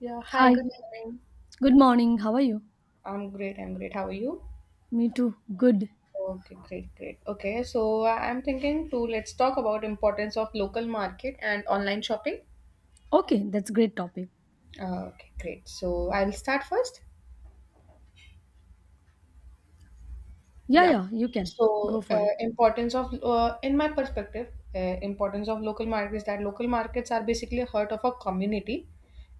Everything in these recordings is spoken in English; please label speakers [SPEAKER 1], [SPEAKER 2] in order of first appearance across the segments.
[SPEAKER 1] Yeah, hi,
[SPEAKER 2] Hi,
[SPEAKER 1] good morning.
[SPEAKER 2] good morning. How are you?
[SPEAKER 1] I'm great. I'm great. How are you?
[SPEAKER 2] Me too. Good.
[SPEAKER 1] Okay, great, great. Okay, so I'm thinking to let's talk about importance of local market and online shopping.
[SPEAKER 2] Okay, that's great topic.
[SPEAKER 1] Okay, great. So I'll start first.
[SPEAKER 2] Yeah,
[SPEAKER 1] Yeah.
[SPEAKER 2] yeah, you can go
[SPEAKER 1] So,
[SPEAKER 2] for it.
[SPEAKER 1] importance of in my perspective, importance of local markets that local markets are basically heart of a community.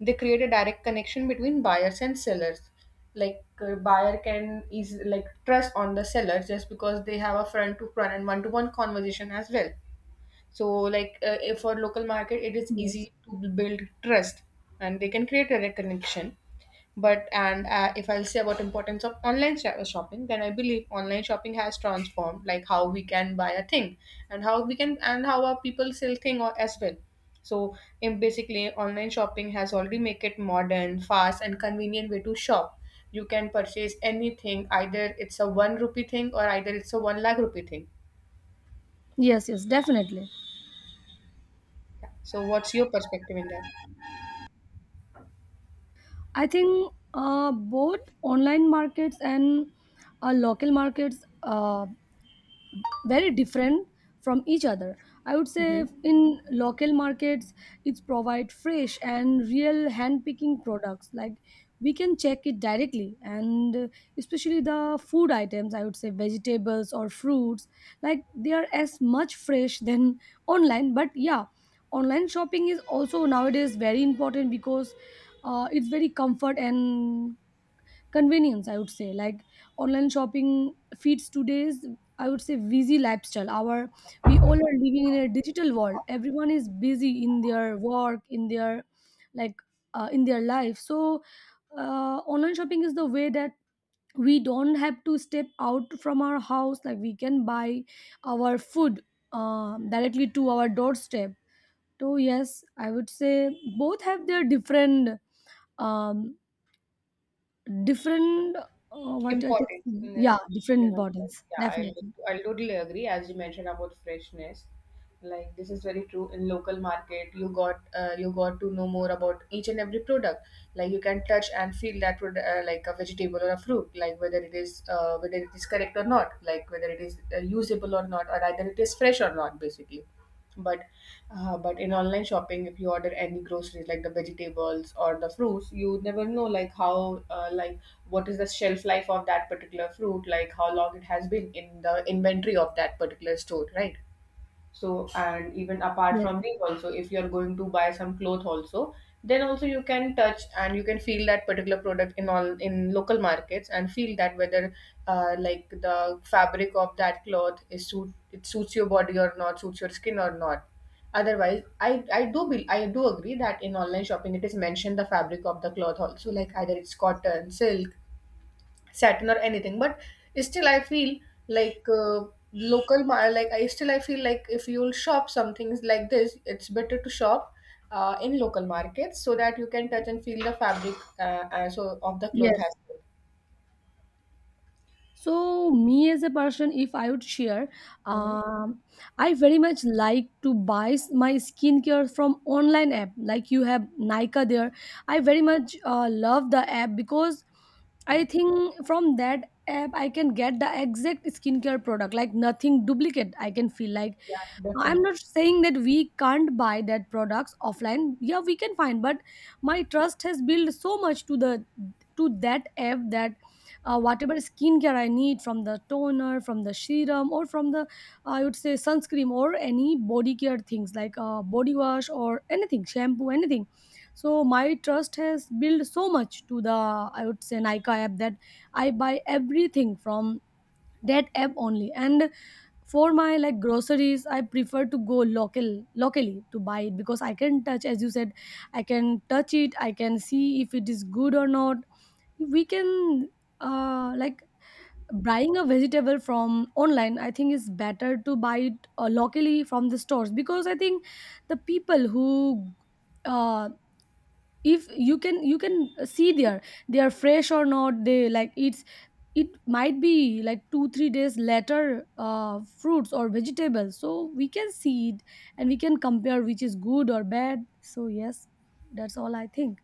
[SPEAKER 1] They create a direct connection between buyers and sellers. Like buyer can is like trust on the seller just because they have a front to front and one to one conversation as well. So, like if for local market, it is
[SPEAKER 2] Yes.
[SPEAKER 1] easy to build trust, and they can create a direct connection but and if I'll say about importance of online shopping, then I believe online shopping has transformed like how we can buy a thing and how we can and how our people sell thing or as well. So in basically online shopping has already make it modern, fast and convenient way to shop. You can purchase anything, either it's a one rupee thing or either it's a one lakh rupee thing.
[SPEAKER 2] Yes, yes, definitely.
[SPEAKER 1] Yeah. So what's your perspective in that?
[SPEAKER 2] I think both online markets and local markets very different from each other. I would say
[SPEAKER 1] Hmm.
[SPEAKER 2] in local markets it's provide fresh and real hand picking products, like we can check it directly. And especially the food items, I would say vegetables or fruits, like they are as much fresh than online. But yeah, online shopping is also nowadays very important because it's very comfort and convenience, I would say. Like online shopping feeds today's, I would say, busy lifestyle. Our, we all are living in a digital world. Everyone is busy in their work, in their, like, in their life. So online shopping is the way that we don't have to step out from our house. Like we can buy our food, directly to our doorstep. So yes, I would say both have their different, um, different, what I can
[SPEAKER 1] Importance.
[SPEAKER 2] see. Yeah, different bottles.
[SPEAKER 1] Yeah,
[SPEAKER 2] Definitely.
[SPEAKER 1] I'll totally agree as you mentioned about freshness. Like this is very true in local market you got to know more about each and every product. Like you can touch and feel that product like a vegetable or a fruit, like whether it is correct or not, like whether it is usable or not or either it is fresh or not basically. But but in online shopping if you order any groceries like the vegetables or the fruits, you never know like how like what is the shelf life of that particular fruit, like how long it has been in the inventory of that particular store, right? So and even apart
[SPEAKER 2] Yes.
[SPEAKER 1] from these also, if you're going to buy some cloth also, then also you can touch and you can feel that particular product in all in local markets and feel that whether like the fabric of that cloth is suit it suits your body or not, suits your skin or not. Otherwise I do agree that in online shopping it is mentioned the fabric of the cloth also, like either it's cotton, silk, satin or anything. But still I feel like like I feel like if you'll shop some things like this it's better to shop in local markets so that you can touch and feel the fabric so of the cloth
[SPEAKER 2] Yes.
[SPEAKER 1] as well.
[SPEAKER 2] So, me as a person, if I would share,
[SPEAKER 1] Mhm.
[SPEAKER 2] um, I very much like to buy my skincare from online app. Like you have Nika there, I very much love the app because I think from that app I can get the exact skincare product, like nothing duplicate. I can feel like
[SPEAKER 1] Yeah,
[SPEAKER 2] I'm
[SPEAKER 1] definitely.
[SPEAKER 2] not saying that we can't buy that products offline. Yeah, we can find, but my trust has built so much to the to that app that whatever skincare I need, from the toner, from the serum, or from the, I would say, sunscreen, or any body care things like body wash or anything, shampoo, anything. So my trust has built so much to the, I would say, Nika app, that I buy everything from that app only. And for my, like, groceries, I prefer to go locally to buy it because I can touch, as you said. I can touch it, I can see if it is good or not. We can, like, buying a vegetable from online, I think it's better to buy it locally from the stores. Because I think the people who uh, if you can, you can see there they are fresh or not. They, like, it's, it might be like 2 3 days later fruits or vegetables, so we can see it and we can compare which is good or bad. So yes, that's all I think.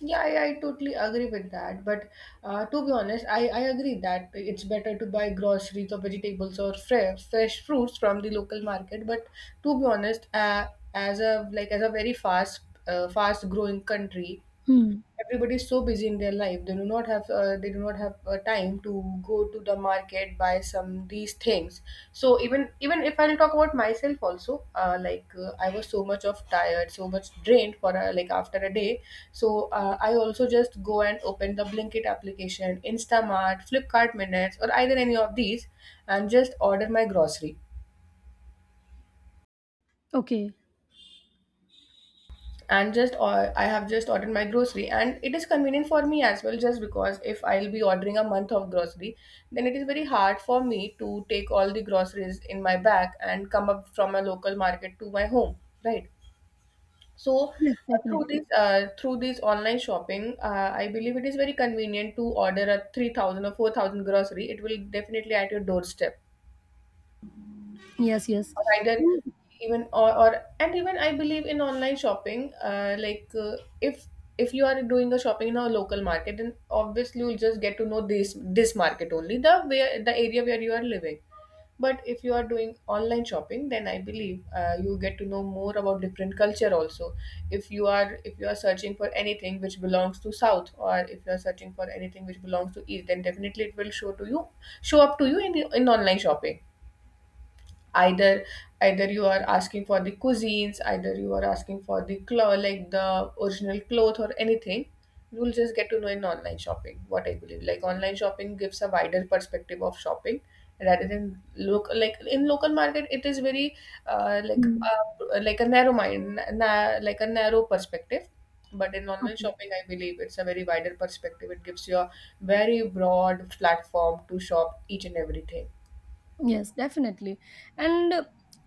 [SPEAKER 1] Yeah, I totally agree with that. But to be honest, I agree that it's better to buy groceries or vegetables or fresh fruits from the local market. But to be honest, as a like as a very fast fast growing country,
[SPEAKER 2] Hmm.
[SPEAKER 1] everybody is so busy in their life they do not have time to go to the market buy some these things. So even if I'll talk about myself also, I was so much of tired, so much drained for like after a day. So I also just go and open the blinkit application, instamart, flipkart minutes or either any of these and just order my grocery
[SPEAKER 2] Okay.
[SPEAKER 1] and just or I have just ordered my grocery. And it is convenient for me as well, just because if I'll be ordering a month of grocery, then it is very hard for me to take all the groceries in my bag and come up from a local market to my home, right? So
[SPEAKER 2] Yes, definitely.
[SPEAKER 1] through this online shopping I believe it is very convenient to order a 3000 or 4000 grocery, it will definitely at your doorstep.
[SPEAKER 2] Yes, yes.
[SPEAKER 1] Or either
[SPEAKER 2] Hmm.
[SPEAKER 1] even or and even I believe in online shopping, if you are doing a shopping in a local market, then obviously you'll just get to know this market only, the where the area where you are living. But if you are doing online shopping, then I believe you get to know more about different culture also. If you are if you are searching for anything which belongs to south, or if you are searching for anything which belongs to east, then definitely it will show to you, show up to you in online shopping. Either either you are asking for the cuisines, either you are asking for the cloth like the original cloth or anything, you will just get to know in online shopping. What I believe like online shopping gives a wider perspective of shopping rather than look like in local market it is very
[SPEAKER 2] Hmm.
[SPEAKER 1] like a like a narrow perspective. But in online
[SPEAKER 2] Okay.
[SPEAKER 1] shopping I believe it's a very wider perspective, it gives you a very broad platform to shop each and everything.
[SPEAKER 2] Yes, definitely. And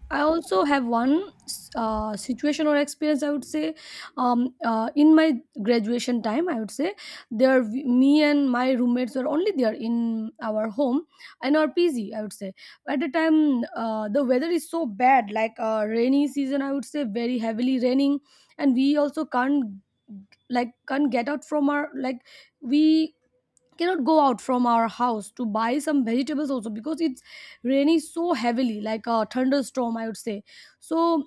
[SPEAKER 2] I also have one situation or experience, I would say, in my graduation time, I would say, there, me and my roommates were only there in our home, in our PG, I would say. At the time, the weather is so bad, like, rainy season, I would say, very heavily raining. And we also can't, like, can't get out from our, like, we cannot go out from our house to buy some vegetables also, because it's raining so heavily, like a thunderstorm, I would say. So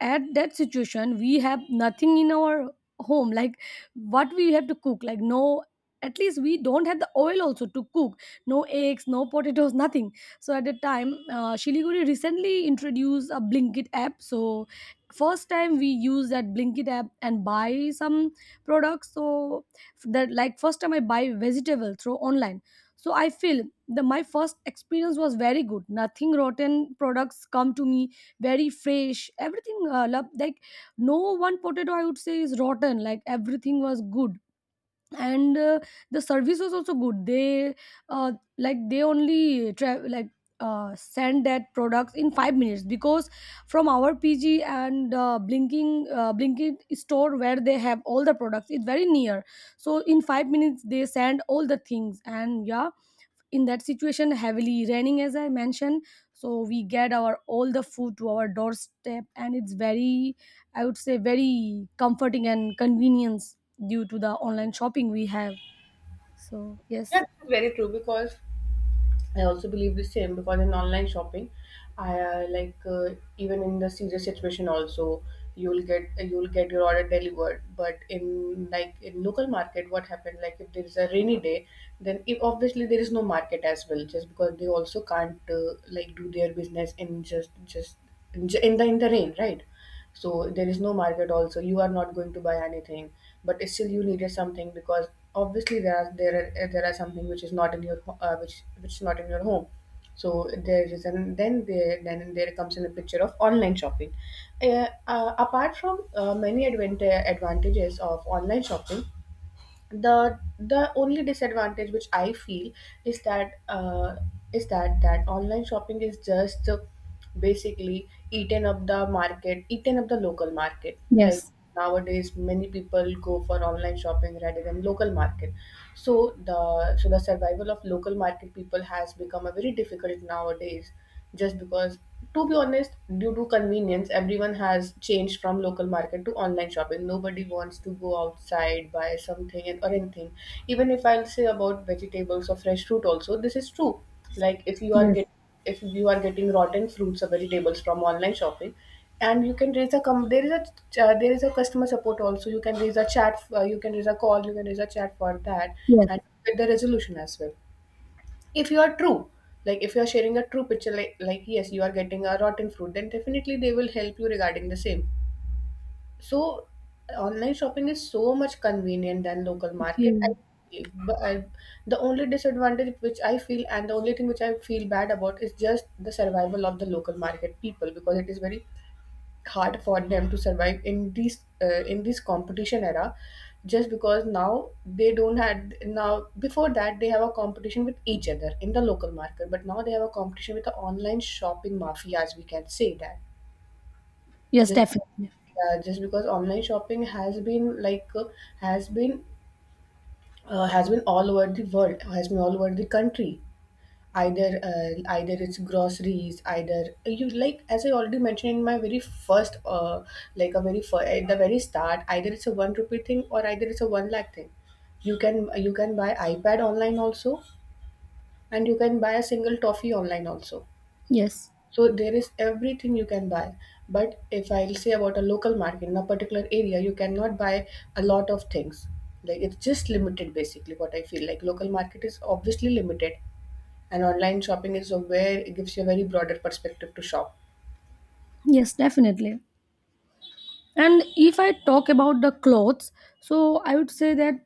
[SPEAKER 2] at that situation, we have nothing in our home. Like, what we have to cook? Like, no, at least we don't have the oil also to cook. No eggs, no potatoes, nothing. So at the time, shiliguri recently introduced a blinkit app. So first time we use that blinkit app and buy some products. So that, like, first time I buy vegetable through online. So I feel the my first experience was very good. Nothing rotten products come to me. Very fresh everything. Like no one potato, I would say, is rotten, like everything was good. And the service was also good. They uh, like they only like send that products in 5 minutes. Because from our PG and blinking store where they have all the products, it's very near. So in 5 minutes they send all the things. And yeah, in that situation, heavily raining as I mentioned, so we get our all the food to our doorstep. And it's very, I would say, very comforting and convenience due to the online shopping we have. So
[SPEAKER 1] Yeah,
[SPEAKER 2] yes.
[SPEAKER 1] this is very true, because I also believe the same because in online shopping, I even in the serious situation also, you'll get your order delivered. But in like in local market, what happened like if there is a rainy day, then if obviously there is no market as well, just because they also can't like do their business in just in the rain, right? So there is no market also, you are not going to buy anything. But still you needed something because obviously there are something which is not in your which is not in your home. So there is and then there comes in the picture of online shopping. Apart from many advantages of online shopping, the only disadvantage which I feel is that uh, is that that online shopping is just basically eaten up the market, eaten up the local market. Like
[SPEAKER 2] Yes.
[SPEAKER 1] nowadays, many people go for online shopping rather than local market. So the survival of local market people has become a very difficult nowadays, just because to be honest, due to convenience everyone has changed from local market to online shopping. Nobody wants to go outside buy something and or anything. Even if I'll say about vegetables or fresh fruit also, this is true. Like
[SPEAKER 2] Yes.
[SPEAKER 1] if you are getting rotten fruits or vegetables from online shopping, and you can there is a there is a customer support also, you can raise a chat you can raise a call, you can raise a chat for that
[SPEAKER 2] Yes.
[SPEAKER 1] and get the resolution as well. If you are true, like if you are sharing a true picture, like yes you are getting a rotten fruit, then definitely they will help you regarding the same. So online shopping is so much convenient than local market
[SPEAKER 2] Okay.
[SPEAKER 1] but I, the only disadvantage which I feel and the only thing which I feel bad about is just the survival of the local market people, because it is very hard for them to survive in this competition era, just because now they don't had now before that they have a competition with each other in the local market, but now they have a competition with the online shopping mafia, as we can say that.
[SPEAKER 2] Yes,
[SPEAKER 1] Just
[SPEAKER 2] definitely.
[SPEAKER 1] yeah, just because online shopping has been has been has been all over the world, has been all over the country. Either either it's groceries, either you, like as I already mentioned in my very first at the very start, either it's a 1 rupee thing or either it's a 1 lakh thing. You can buy ipad online also, and you can buy a single toffee online also.
[SPEAKER 2] Yes,
[SPEAKER 1] So there is everything you can buy. But if I'll say about a local market in a particular area, you cannot buy a lot of things. Like it's just limited basically what I feel. Like local market is obviously limited, and online shopping is a where it gives you a very broader perspective to shop.
[SPEAKER 2] yes, definitely. And if I talk about the clothes, so I would say that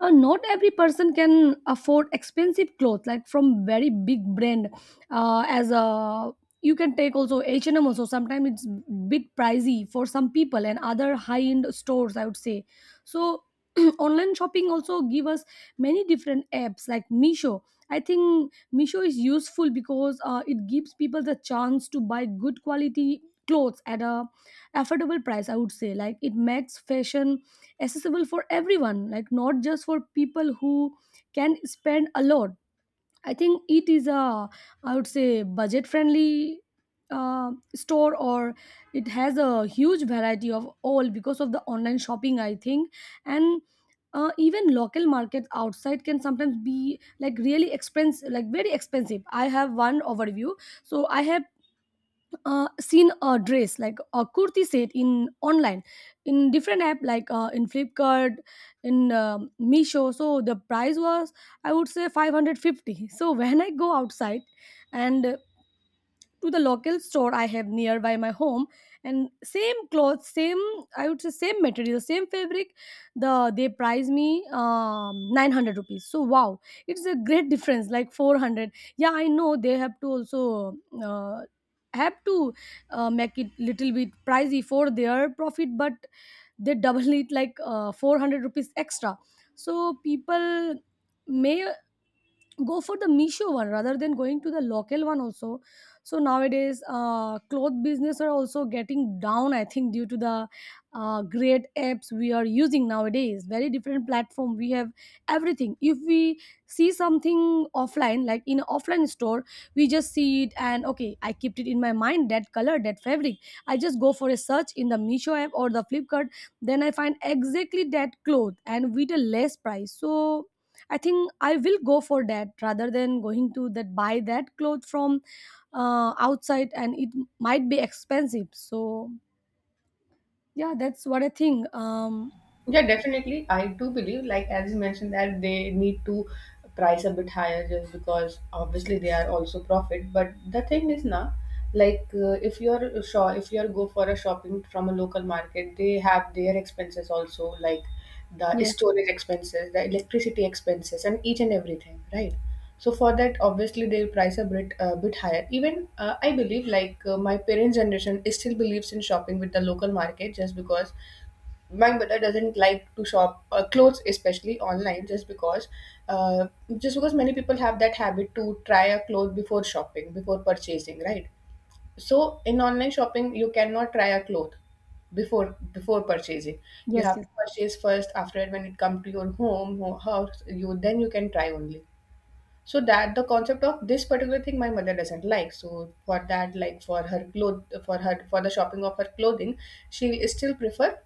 [SPEAKER 2] not every person can afford expensive clothes, like from very big brand. As a, you can take also H&M also. Sometimes it's bit pricey for some people, and other high end stores, I would say. So online shopping also give us many different apps like misho I think misho is useful because it gives people the chance to buy good quality clothes at a affordable price, I would say. Like it makes fashion accessible for everyone, like not just for people who can spend a lot. I think it is a, I would say, budget friendly store, or it has a huge variety of all because of the online shopping, I think. And even local markets outside can sometimes be like really expensive, like very expensive. I have one overview. So I have seen a dress like a kurti set in online, in different app, like in Flipkart, in misho so the price was, I would say, 550. So when I go outside and to the local store I have nearby my home, and same clothes, same, I would say, same material, same fabric, the they price me 900 rupees. So wow, it's a great difference, like 400. Yeah, I know they have to also uh, have to make it little bit pricey for their profit, but they double it, like 400 rupees extra. So people may go for the Meesho one rather than going to the local one also. So nowadays, cloth business are also getting down. I think due to the great apps we are using nowadays, very different platform. We have everything. If we see something offline, like in offline store, we just see it and okay, I kept it in my mind, that color, that fabric. I just go for a search in the Meesho app or the Flipkart. Then I find exactly that cloth and with a less price. So I think I will go for that rather than going to that buy that cloth from outside. And it might be expensive. So yeah, that's what I think.
[SPEAKER 1] Yeah, definitely. I do believe, like as you mentioned, that they need to price a bit higher just because obviously they are also profit. But the thing is now, like if you're sure if you're go for a shopping from a local market, they have their expenses also, like the
[SPEAKER 2] Yes.
[SPEAKER 1] storage expenses, the electricity expenses, and each and everything, right? So for that, obviously they'll price a bit higher. Even I believe, my parents' generation, is still believes in shopping with the local market just because my mother doesn't like to shop clothes especially online just because uh, many people have that habit to try a cloth before shopping before purchasing, right? So in online shopping you cannot try a cloth before purchasing. You
[SPEAKER 2] Yes.
[SPEAKER 1] have
[SPEAKER 2] Yes.
[SPEAKER 1] to purchase first, after when it comes to your house, you then you can try only. So that the concept of this particular thing my mother doesn't like, so for that, like for her cloth, for her, for the shopping of her clothing, she still prefer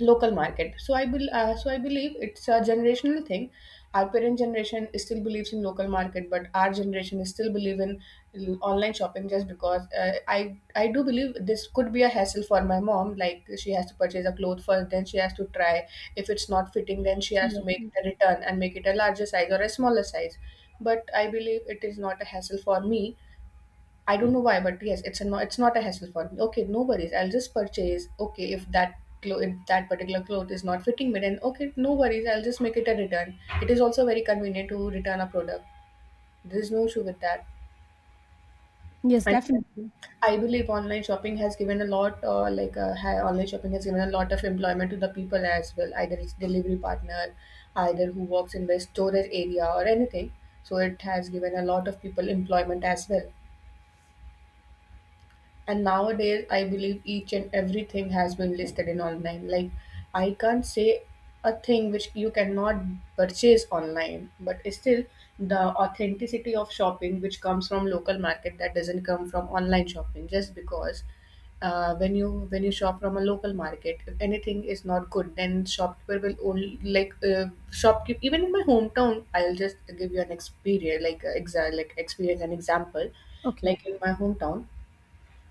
[SPEAKER 1] local market. So I believe it's a generational thing. Our parent generation still believes in local market, but our generation is still believe in online shopping just because I do believe this could be a hassle for my mom, like she has to purchase a cloth first, then she has to try, if it's not fitting then she has to make
[SPEAKER 2] Yes,
[SPEAKER 1] a return and make it a larger size or a smaller size. But I believe it is not a hassle for me. I don't know why, but yes, it's a no, it's not a hassle for me. Okay, no worries, I'll just purchase. Okay, if that if that particular cloth is not fitting me, then okay, no worries, I'll just make it a return. It is also very convenient to return a product. There is no issue with that.
[SPEAKER 2] yes,
[SPEAKER 1] And
[SPEAKER 2] definitely.
[SPEAKER 1] I believe online shopping has given a lot, online shopping has given a lot of employment to the people as well. Either it's delivery partner, either who works in the storage area or anything. So it has given a lot of people employment as well. And nowadays I believe each and everything has been listed in online, like I can't say a thing which you cannot purchase online, but still the authenticity of shopping which comes from local market, that doesn't come from online shopping, just because when you shop from a local market, if anything is not good, then shopkeeper will only like shopkeep even in my hometown, I'll just give you an experience, like exa- like experience an example.
[SPEAKER 2] Okay.
[SPEAKER 1] Like in my hometown,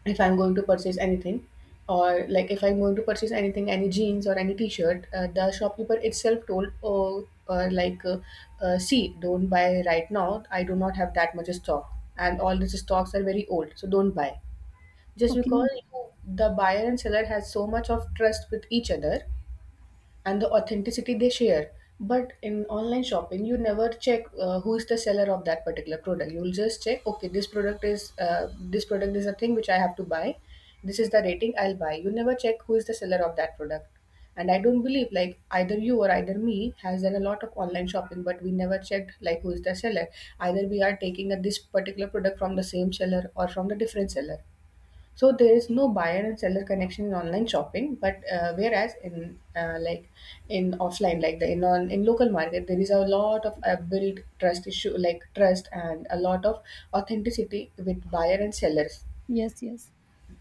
[SPEAKER 1] if I'm going to purchase anything, or like if I'm going to purchase anything, any jeans or any t-shirt, the shopkeeper itself told, oh, see, don't buy right now. I do not have that much stock, and all these stocks are very old, so don't buy. Just because
[SPEAKER 2] Okay.
[SPEAKER 1] you, the buyer and seller has so much of trust with each other, and the authenticity they share. But in online shopping you never check who is the seller of that particular product. You will just check, okay, this product is, this product is a thing which I have to buy, this is the rating, I'll buy. You never check who is the seller of that product. And I don't believe, like either you or either me has done a lot of online shopping, but we never checked like who is the seller, either we are taking a, this particular product from the same seller or from the different seller. So there is no buyer and seller connection in online shopping, but whereas in offline, like the in on in local market, there is a lot of built trust issue, like trust and a lot of authenticity with buyer and sellers
[SPEAKER 2] Yes, yes.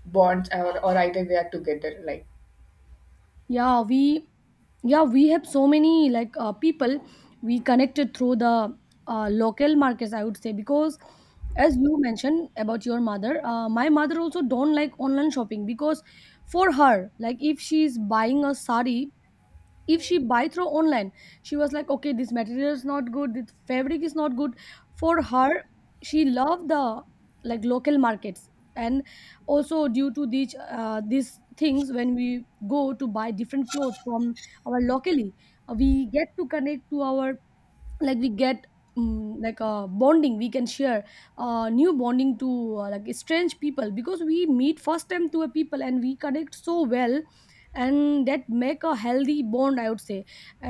[SPEAKER 1] bonds, or either we are together, like.
[SPEAKER 2] Yeah, we, yeah we have so many like people we connected through the local markets, I would say. Because as you mentioned about your mother, my mother also don't like online shopping. Because for her, like if she's buying a sari, if she buy through online, she was like okay, this material is not good, this fabric is not good. For her, she loved the, like, local markets. And also, due to these things, when we go to buy different clothes from our locally, we get to connect to our, like, we get, mm, like a bonding we can share. New bonding to like strange people, because we meet first time to a people and we connect so well, and that make a healthy bond, I would say.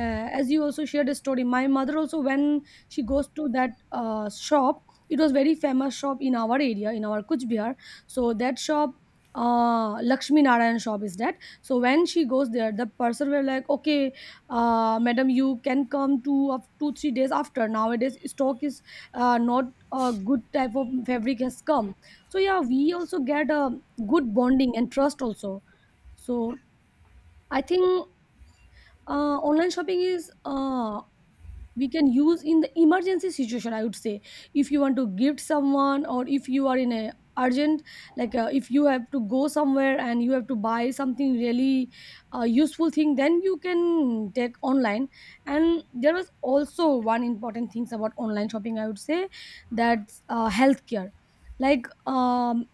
[SPEAKER 2] As you also shared a story, my mother also when she goes to that shop, it was very famous shop in our area, in our Kuch Bihar. So that shop, uh, Lakshmi Narayan shop is that. So when she goes there, the person were like okay, madam, you can come to of 2 3 days after. Nowadays stock is not a good type of fabric has come. So yeah, we also get a good bonding and trust also. So I think online shopping is, we can use in the emergency situation, I would say. If you want to gift someone, or if you are in a urgent, like, if you have to go somewhere and you have to buy something really useful thing, then you can take online. And there was also one important things about online shopping, I would say. That's healthcare. Like,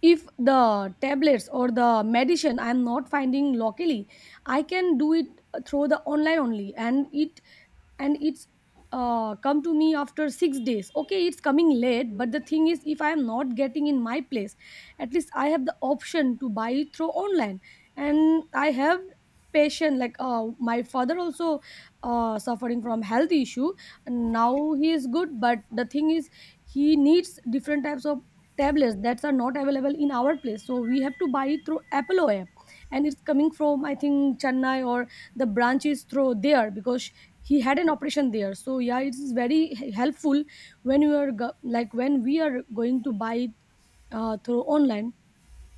[SPEAKER 2] if the tablets or the medicine I'm not finding locally, I can do it through the online only. And it, and it's come to me after 6 days. Okay, it's coming late, but the thing is, if I am not getting in my place, at least I have the option to buy it through online. And I have patient, like, my father also suffering from health issue. And now he is good, but the thing is, he needs different types of tablets that are not available in our place, so we have to buy it through Apollo app, and it's coming from, I think, Chennai, or the branch is through there because he had an operation there. So yeah, it is very helpful when you are go- like when we are going to buy it through online.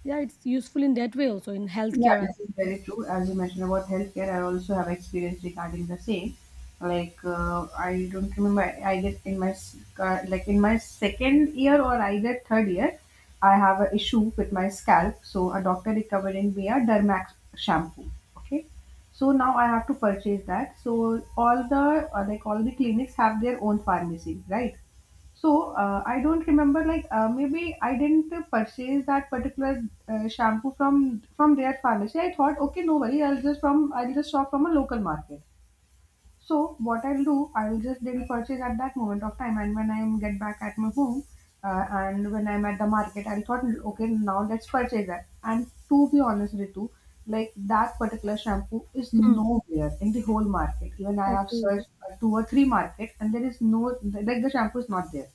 [SPEAKER 2] Yeah, it's useful in that way also, in
[SPEAKER 1] Yeah,
[SPEAKER 2] healthcare.
[SPEAKER 1] this is very true. As you mentioned about healthcare, I also have experience regarding the same. Like I don't remember. I guess in my second year or either third year, I have an issue with my scalp, so a doctor recommended me a Dermax shampoo. Okay, so now I have to purchase that. So all the like all the clinics have their own pharmacy, right? So I don't remember, maybe I didn't purchase that particular shampoo from their pharmacy. I thought okay, no worry, I'll just shop from a local market. So what I'll do, I'll just then purchase at that moment of time, and when I get back at my home, and when I'm at the market, I thought, okay, now let's purchase that. And to be honest, Ritu, like that particular shampoo is
[SPEAKER 2] Hmm.
[SPEAKER 1] nowhere in the whole market. Even I have
[SPEAKER 2] Okay.
[SPEAKER 1] searched 2 or 3 markets, and there is no, like the shampoo is not there.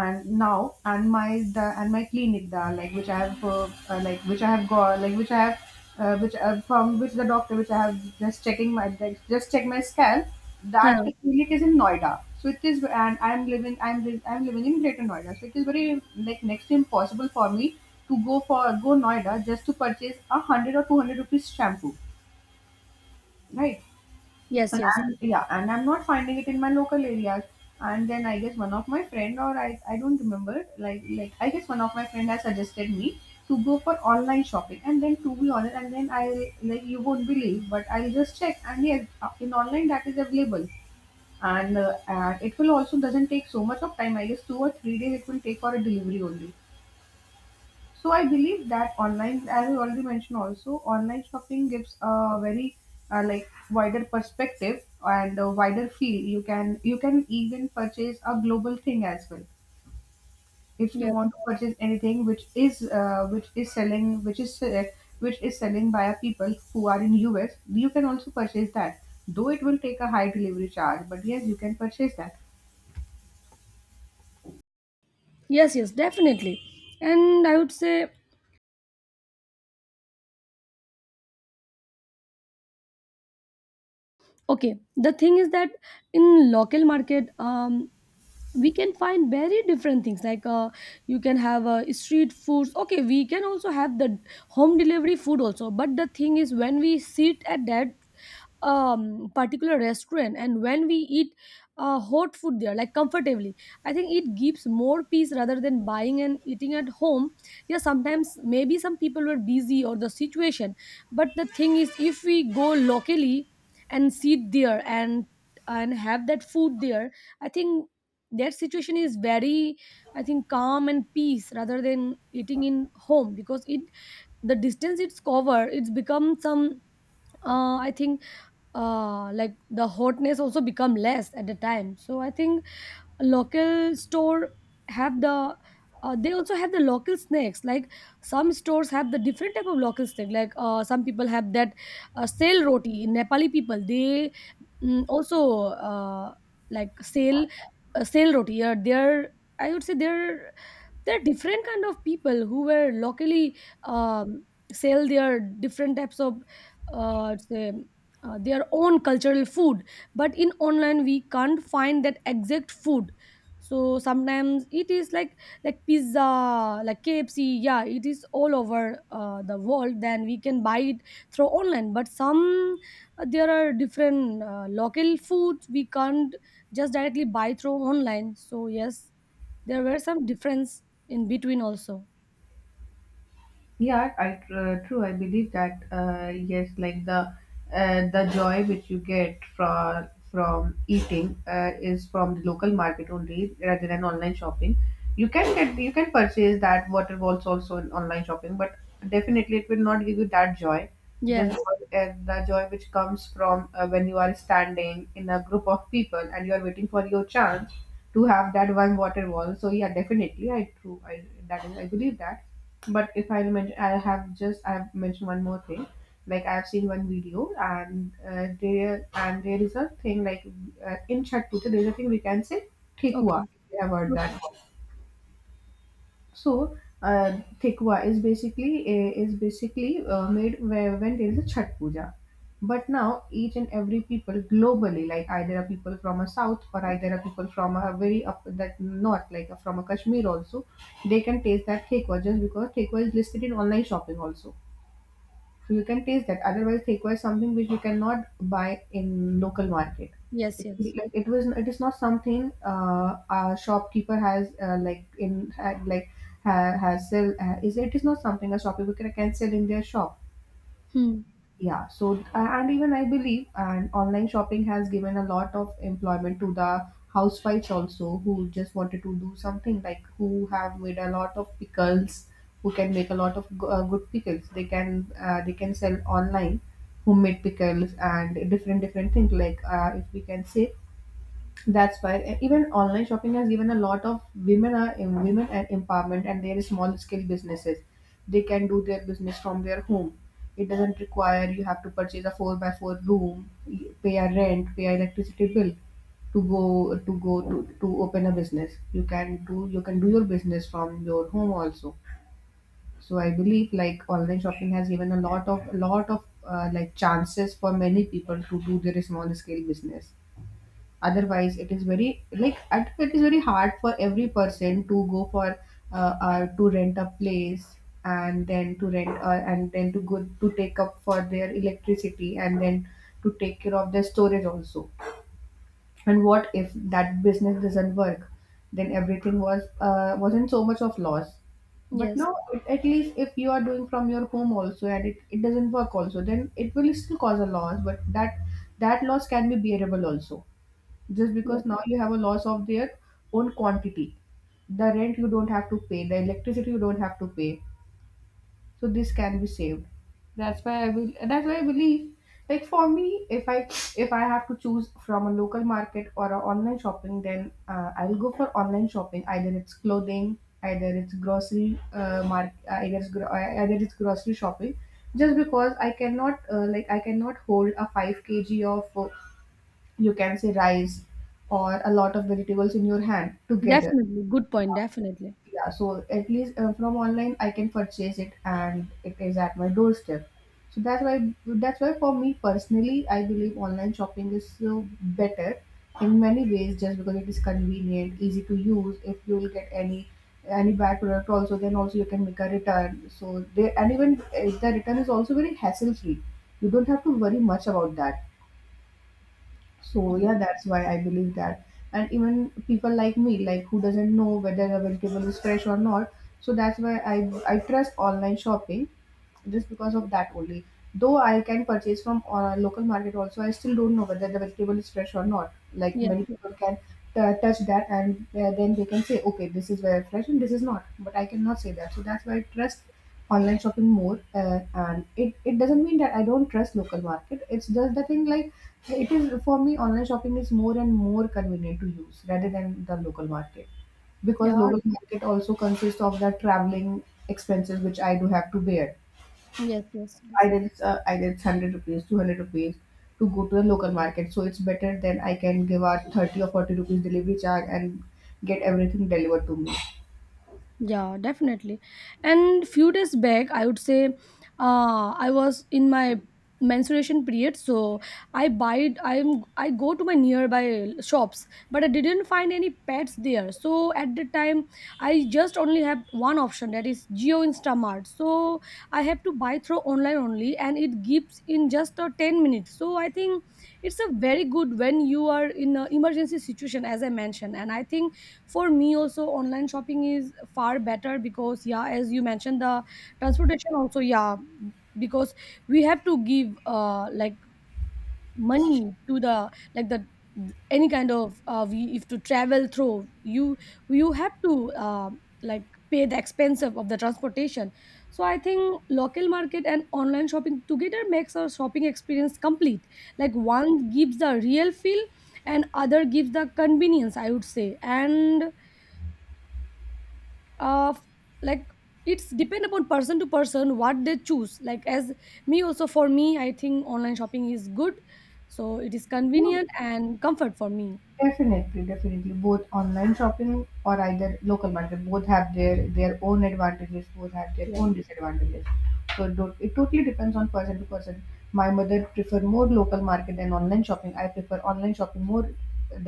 [SPEAKER 1] And my clinic, the like which I have like which I have got, like which I have which from which the doctor which I have just checking my like, just check my scalp, that
[SPEAKER 2] Huh.
[SPEAKER 1] clinic is in Noida, so it is, and I am living, I am living in Greater Noida, so it is very like next to impossible for me to go for go Noida just to purchase 100 or 200 rupees shampoo, right?
[SPEAKER 2] Yes,
[SPEAKER 1] And
[SPEAKER 2] yes.
[SPEAKER 1] I'm, yeah, and I'm not finding it in my local areas. And then I guess one of my friend or I don't remember like I guess one of my friend has suggested me to go for online shopping. And then to be honest, and then I, like you won't believe, but I'll just check. And yes, in online that is available, and it will also doesn't take so much of time. I guess 2 or 3 days it will take for a delivery only. So I believe that online, as I already mentioned, also online shopping gives a very like wider perspective and a wider feel. You can even purchase a global thing as well. If you
[SPEAKER 2] Yes,
[SPEAKER 1] want to purchase anything which is which is selling by a people who are in US, you can also purchase that. Though it will take a high delivery charge, but yes, you can purchase that.
[SPEAKER 2] yes, yes, definitely. And I would say, okay, the thing is that in local market, we can find very different things. Like you can have street foods. Okay, we can also have the home delivery food also, but the thing is, when we sit at that particular restaurant and when we eat hot food there like comfortably, I think it gives more peace rather than buying and eating at home. Yeah, sometimes maybe some people were busy, or the situation, but the thing is, if we go locally and sit there and have that food there, I think their situation is very, I think, calm and peace rather than eating in home, because it the distance it's covered, it's become some I think like the hotness also become less at the time. So I think local store have the, they also have the local snacks. Like some stores have the different type of local snack. Like some people have that sale roti, Nepali people, they mm, also uh, like sale, sale roti, or their, I would say their, there are different kind of people who were locally um, sell their different types of, uh, say, their own cultural food. But in online, we can't find that exact food. So sometimes it is like pizza, like KFC, yeah, it is all over the world, then we can buy it through online. But some there are different local foods we can't just directly buy through online. So yes, there were some difference in between also.
[SPEAKER 1] Yeah, I true. I believe that yes, like the joy which you get from eating is from the local market only rather than online shopping. You can purchase that water balls also in online shopping, but definitely it will not give you that joy. Just
[SPEAKER 2] Yes.
[SPEAKER 1] because, the joy which comes from when you are standing in a group of people and you are waiting for your chance to have that one water ball. So yeah, definitely I true. I that is, I believe that. But if I mention, I have just I've mentioned one more thing. Like I've seen 1 video, and there is a thing like in Chhat Puja, there's a thing we can say tikwa.
[SPEAKER 2] Okay.
[SPEAKER 1] If you have heard
[SPEAKER 2] Okay.
[SPEAKER 1] that. So tikva is basically made where, when there is a Chhat Puja. But now each and every people globally, like either a people from a south or either a people from a very up that north, like from a Kashmir also, they can taste that tikva just because tikva is listed in online shopping also, so you can taste that. Otherwise they require something which you cannot buy in local market.
[SPEAKER 2] Yes,
[SPEAKER 1] It,
[SPEAKER 2] yes.
[SPEAKER 1] like it was, it is not something a shopkeeper has like in ha- like ha, has sell, is, it is not something a shopkeeper can sell in their shop.
[SPEAKER 2] Hmm.
[SPEAKER 1] Yeah, so and even I believe, and online shopping has given a lot of employment to the housewives also who just wanted to do something, like who have made a lot of pickles, who can make a lot of good pickles. They can sell online homemade pickles and different different things, if we can say. That's why even online shopping has given a lot of women women and empowerment, and there is small scale businesses. They can do their business from their home. It doesn't require you have to purchase a 4 by 4 room, pay a rent, pay a electricity bill to go to to open a business. You can do, you can do your business from your home also. So I believe like online shopping has given a lot of like chances for many people to do their small scale business, otherwise it is very like it is very hard for every person to go for to rent a place, and then to rent and then to go to take up for their electricity, and then to take care of their storage also. And what if that business doesn't work, then everything was wasn't so much of loss. But
[SPEAKER 2] Yes.
[SPEAKER 1] now at least, if you are doing from your home also and it doesn't work also, then it will still cause a loss, but that that loss can be bearable also, just
[SPEAKER 2] Yes.
[SPEAKER 1] because now you have a loss of their own quantity. The rent you don't have to pay, the electricity you don't have to pay. So this can be saved. That's why I will. That's why I believe. Like for me, if I, if I have to choose from a local market or a online shopping, then I will go for online shopping. Either it's clothing, either it's grocery mark, either it's gro- either it's grocery shopping. Just because I cannot like I cannot hold a 5 kg of, you can say, rice or a lot of vegetables in your hand together.
[SPEAKER 2] Definitely. Good point. Definitely.
[SPEAKER 1] Yeah, so at least from online I can purchase it and it is at my doorstep. So that's why for me personally I believe online shopping is so better in many ways, just because it is convenient, easy to use. If you will get any bad product also, then also you can make a return. So they, and even the return is also very hassle free. You don't have to worry much about that. So
[SPEAKER 2] Yeah.
[SPEAKER 1] yeah, that's why I believe that. And even people like me, like who doesn't know whether a vegetable is fresh or not, so that's why I trust online shopping just because
[SPEAKER 2] Yes.
[SPEAKER 1] of that only. Though I can purchase from local market also, I still don't know whether the vegetable is fresh or not. Like
[SPEAKER 2] Yes.
[SPEAKER 1] many people can touch that and then they can say, okay, this is very fresh and this is not. But I cannot say that. So that's why I trust online shopping more. And it, it doesn't mean that I don't trust local market. It's just the thing, like it is for me online shopping is more and more convenient to use rather than the local market,
[SPEAKER 2] Yeah.
[SPEAKER 1] because local market also consists of that traveling expenses which I do have to bear.
[SPEAKER 2] Yes. Yes. Yes.
[SPEAKER 1] Either it's 100 rupees, 200 rupees to go to the local market, so it's better than I can give out 30 or 40 rupees delivery charge and get everything delivered to me.
[SPEAKER 2] Yeah, definitely. And few days back, I would say, I was in my menstruation period, so I buy I'm I go to my nearby shops, but I didn't find any pets there. So at the time, I just only have one option, that is Geo Instamart. So I have to buy through online only, and it gives in just a 10 minutes. So I think it's a very good when you are in an emergency situation, as I mentioned. And I think for me also online shopping is far better, because yeah, as you mentioned, the transportation also, yeah, because we have to give, money to the, like the, any kind of we if to travel through, you have to like pay the expense of the transportation. So I think local market and online shopping together makes our shopping experience complete. Like one gives the real feel, and other gives the convenience, I would say. And uh f- like it's depend upon person to person what they choose. Like as me also, for me, I think online shopping is good, so it is
[SPEAKER 1] Yeah.
[SPEAKER 2] convenient and comfort for me.
[SPEAKER 1] Definitely, definitely. Both online shopping or either local market, both have their own advantages, both have their
[SPEAKER 2] Yes,
[SPEAKER 1] own disadvantages. So don't, it totally depends on person to person. My mother prefer more local market than online shopping. I prefer online shopping more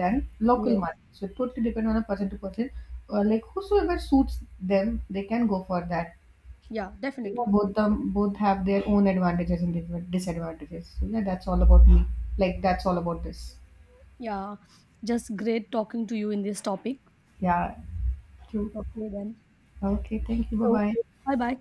[SPEAKER 1] than
[SPEAKER 2] yes.
[SPEAKER 1] local market. So it totally depends on a person to person. Like whosoever suits them, they can go for that.
[SPEAKER 2] Yeah,
[SPEAKER 1] So
[SPEAKER 2] definitely.
[SPEAKER 1] yeah, both them, both have their own advantages and disadvantages. So yeah, that's all about me. Like that's all about this.
[SPEAKER 2] Yeah, just great talking to you in this topic.
[SPEAKER 1] Yeah. True.
[SPEAKER 2] Okay, then.
[SPEAKER 1] Okay, thank you. Bye
[SPEAKER 2] So
[SPEAKER 1] bye.
[SPEAKER 2] bye bye.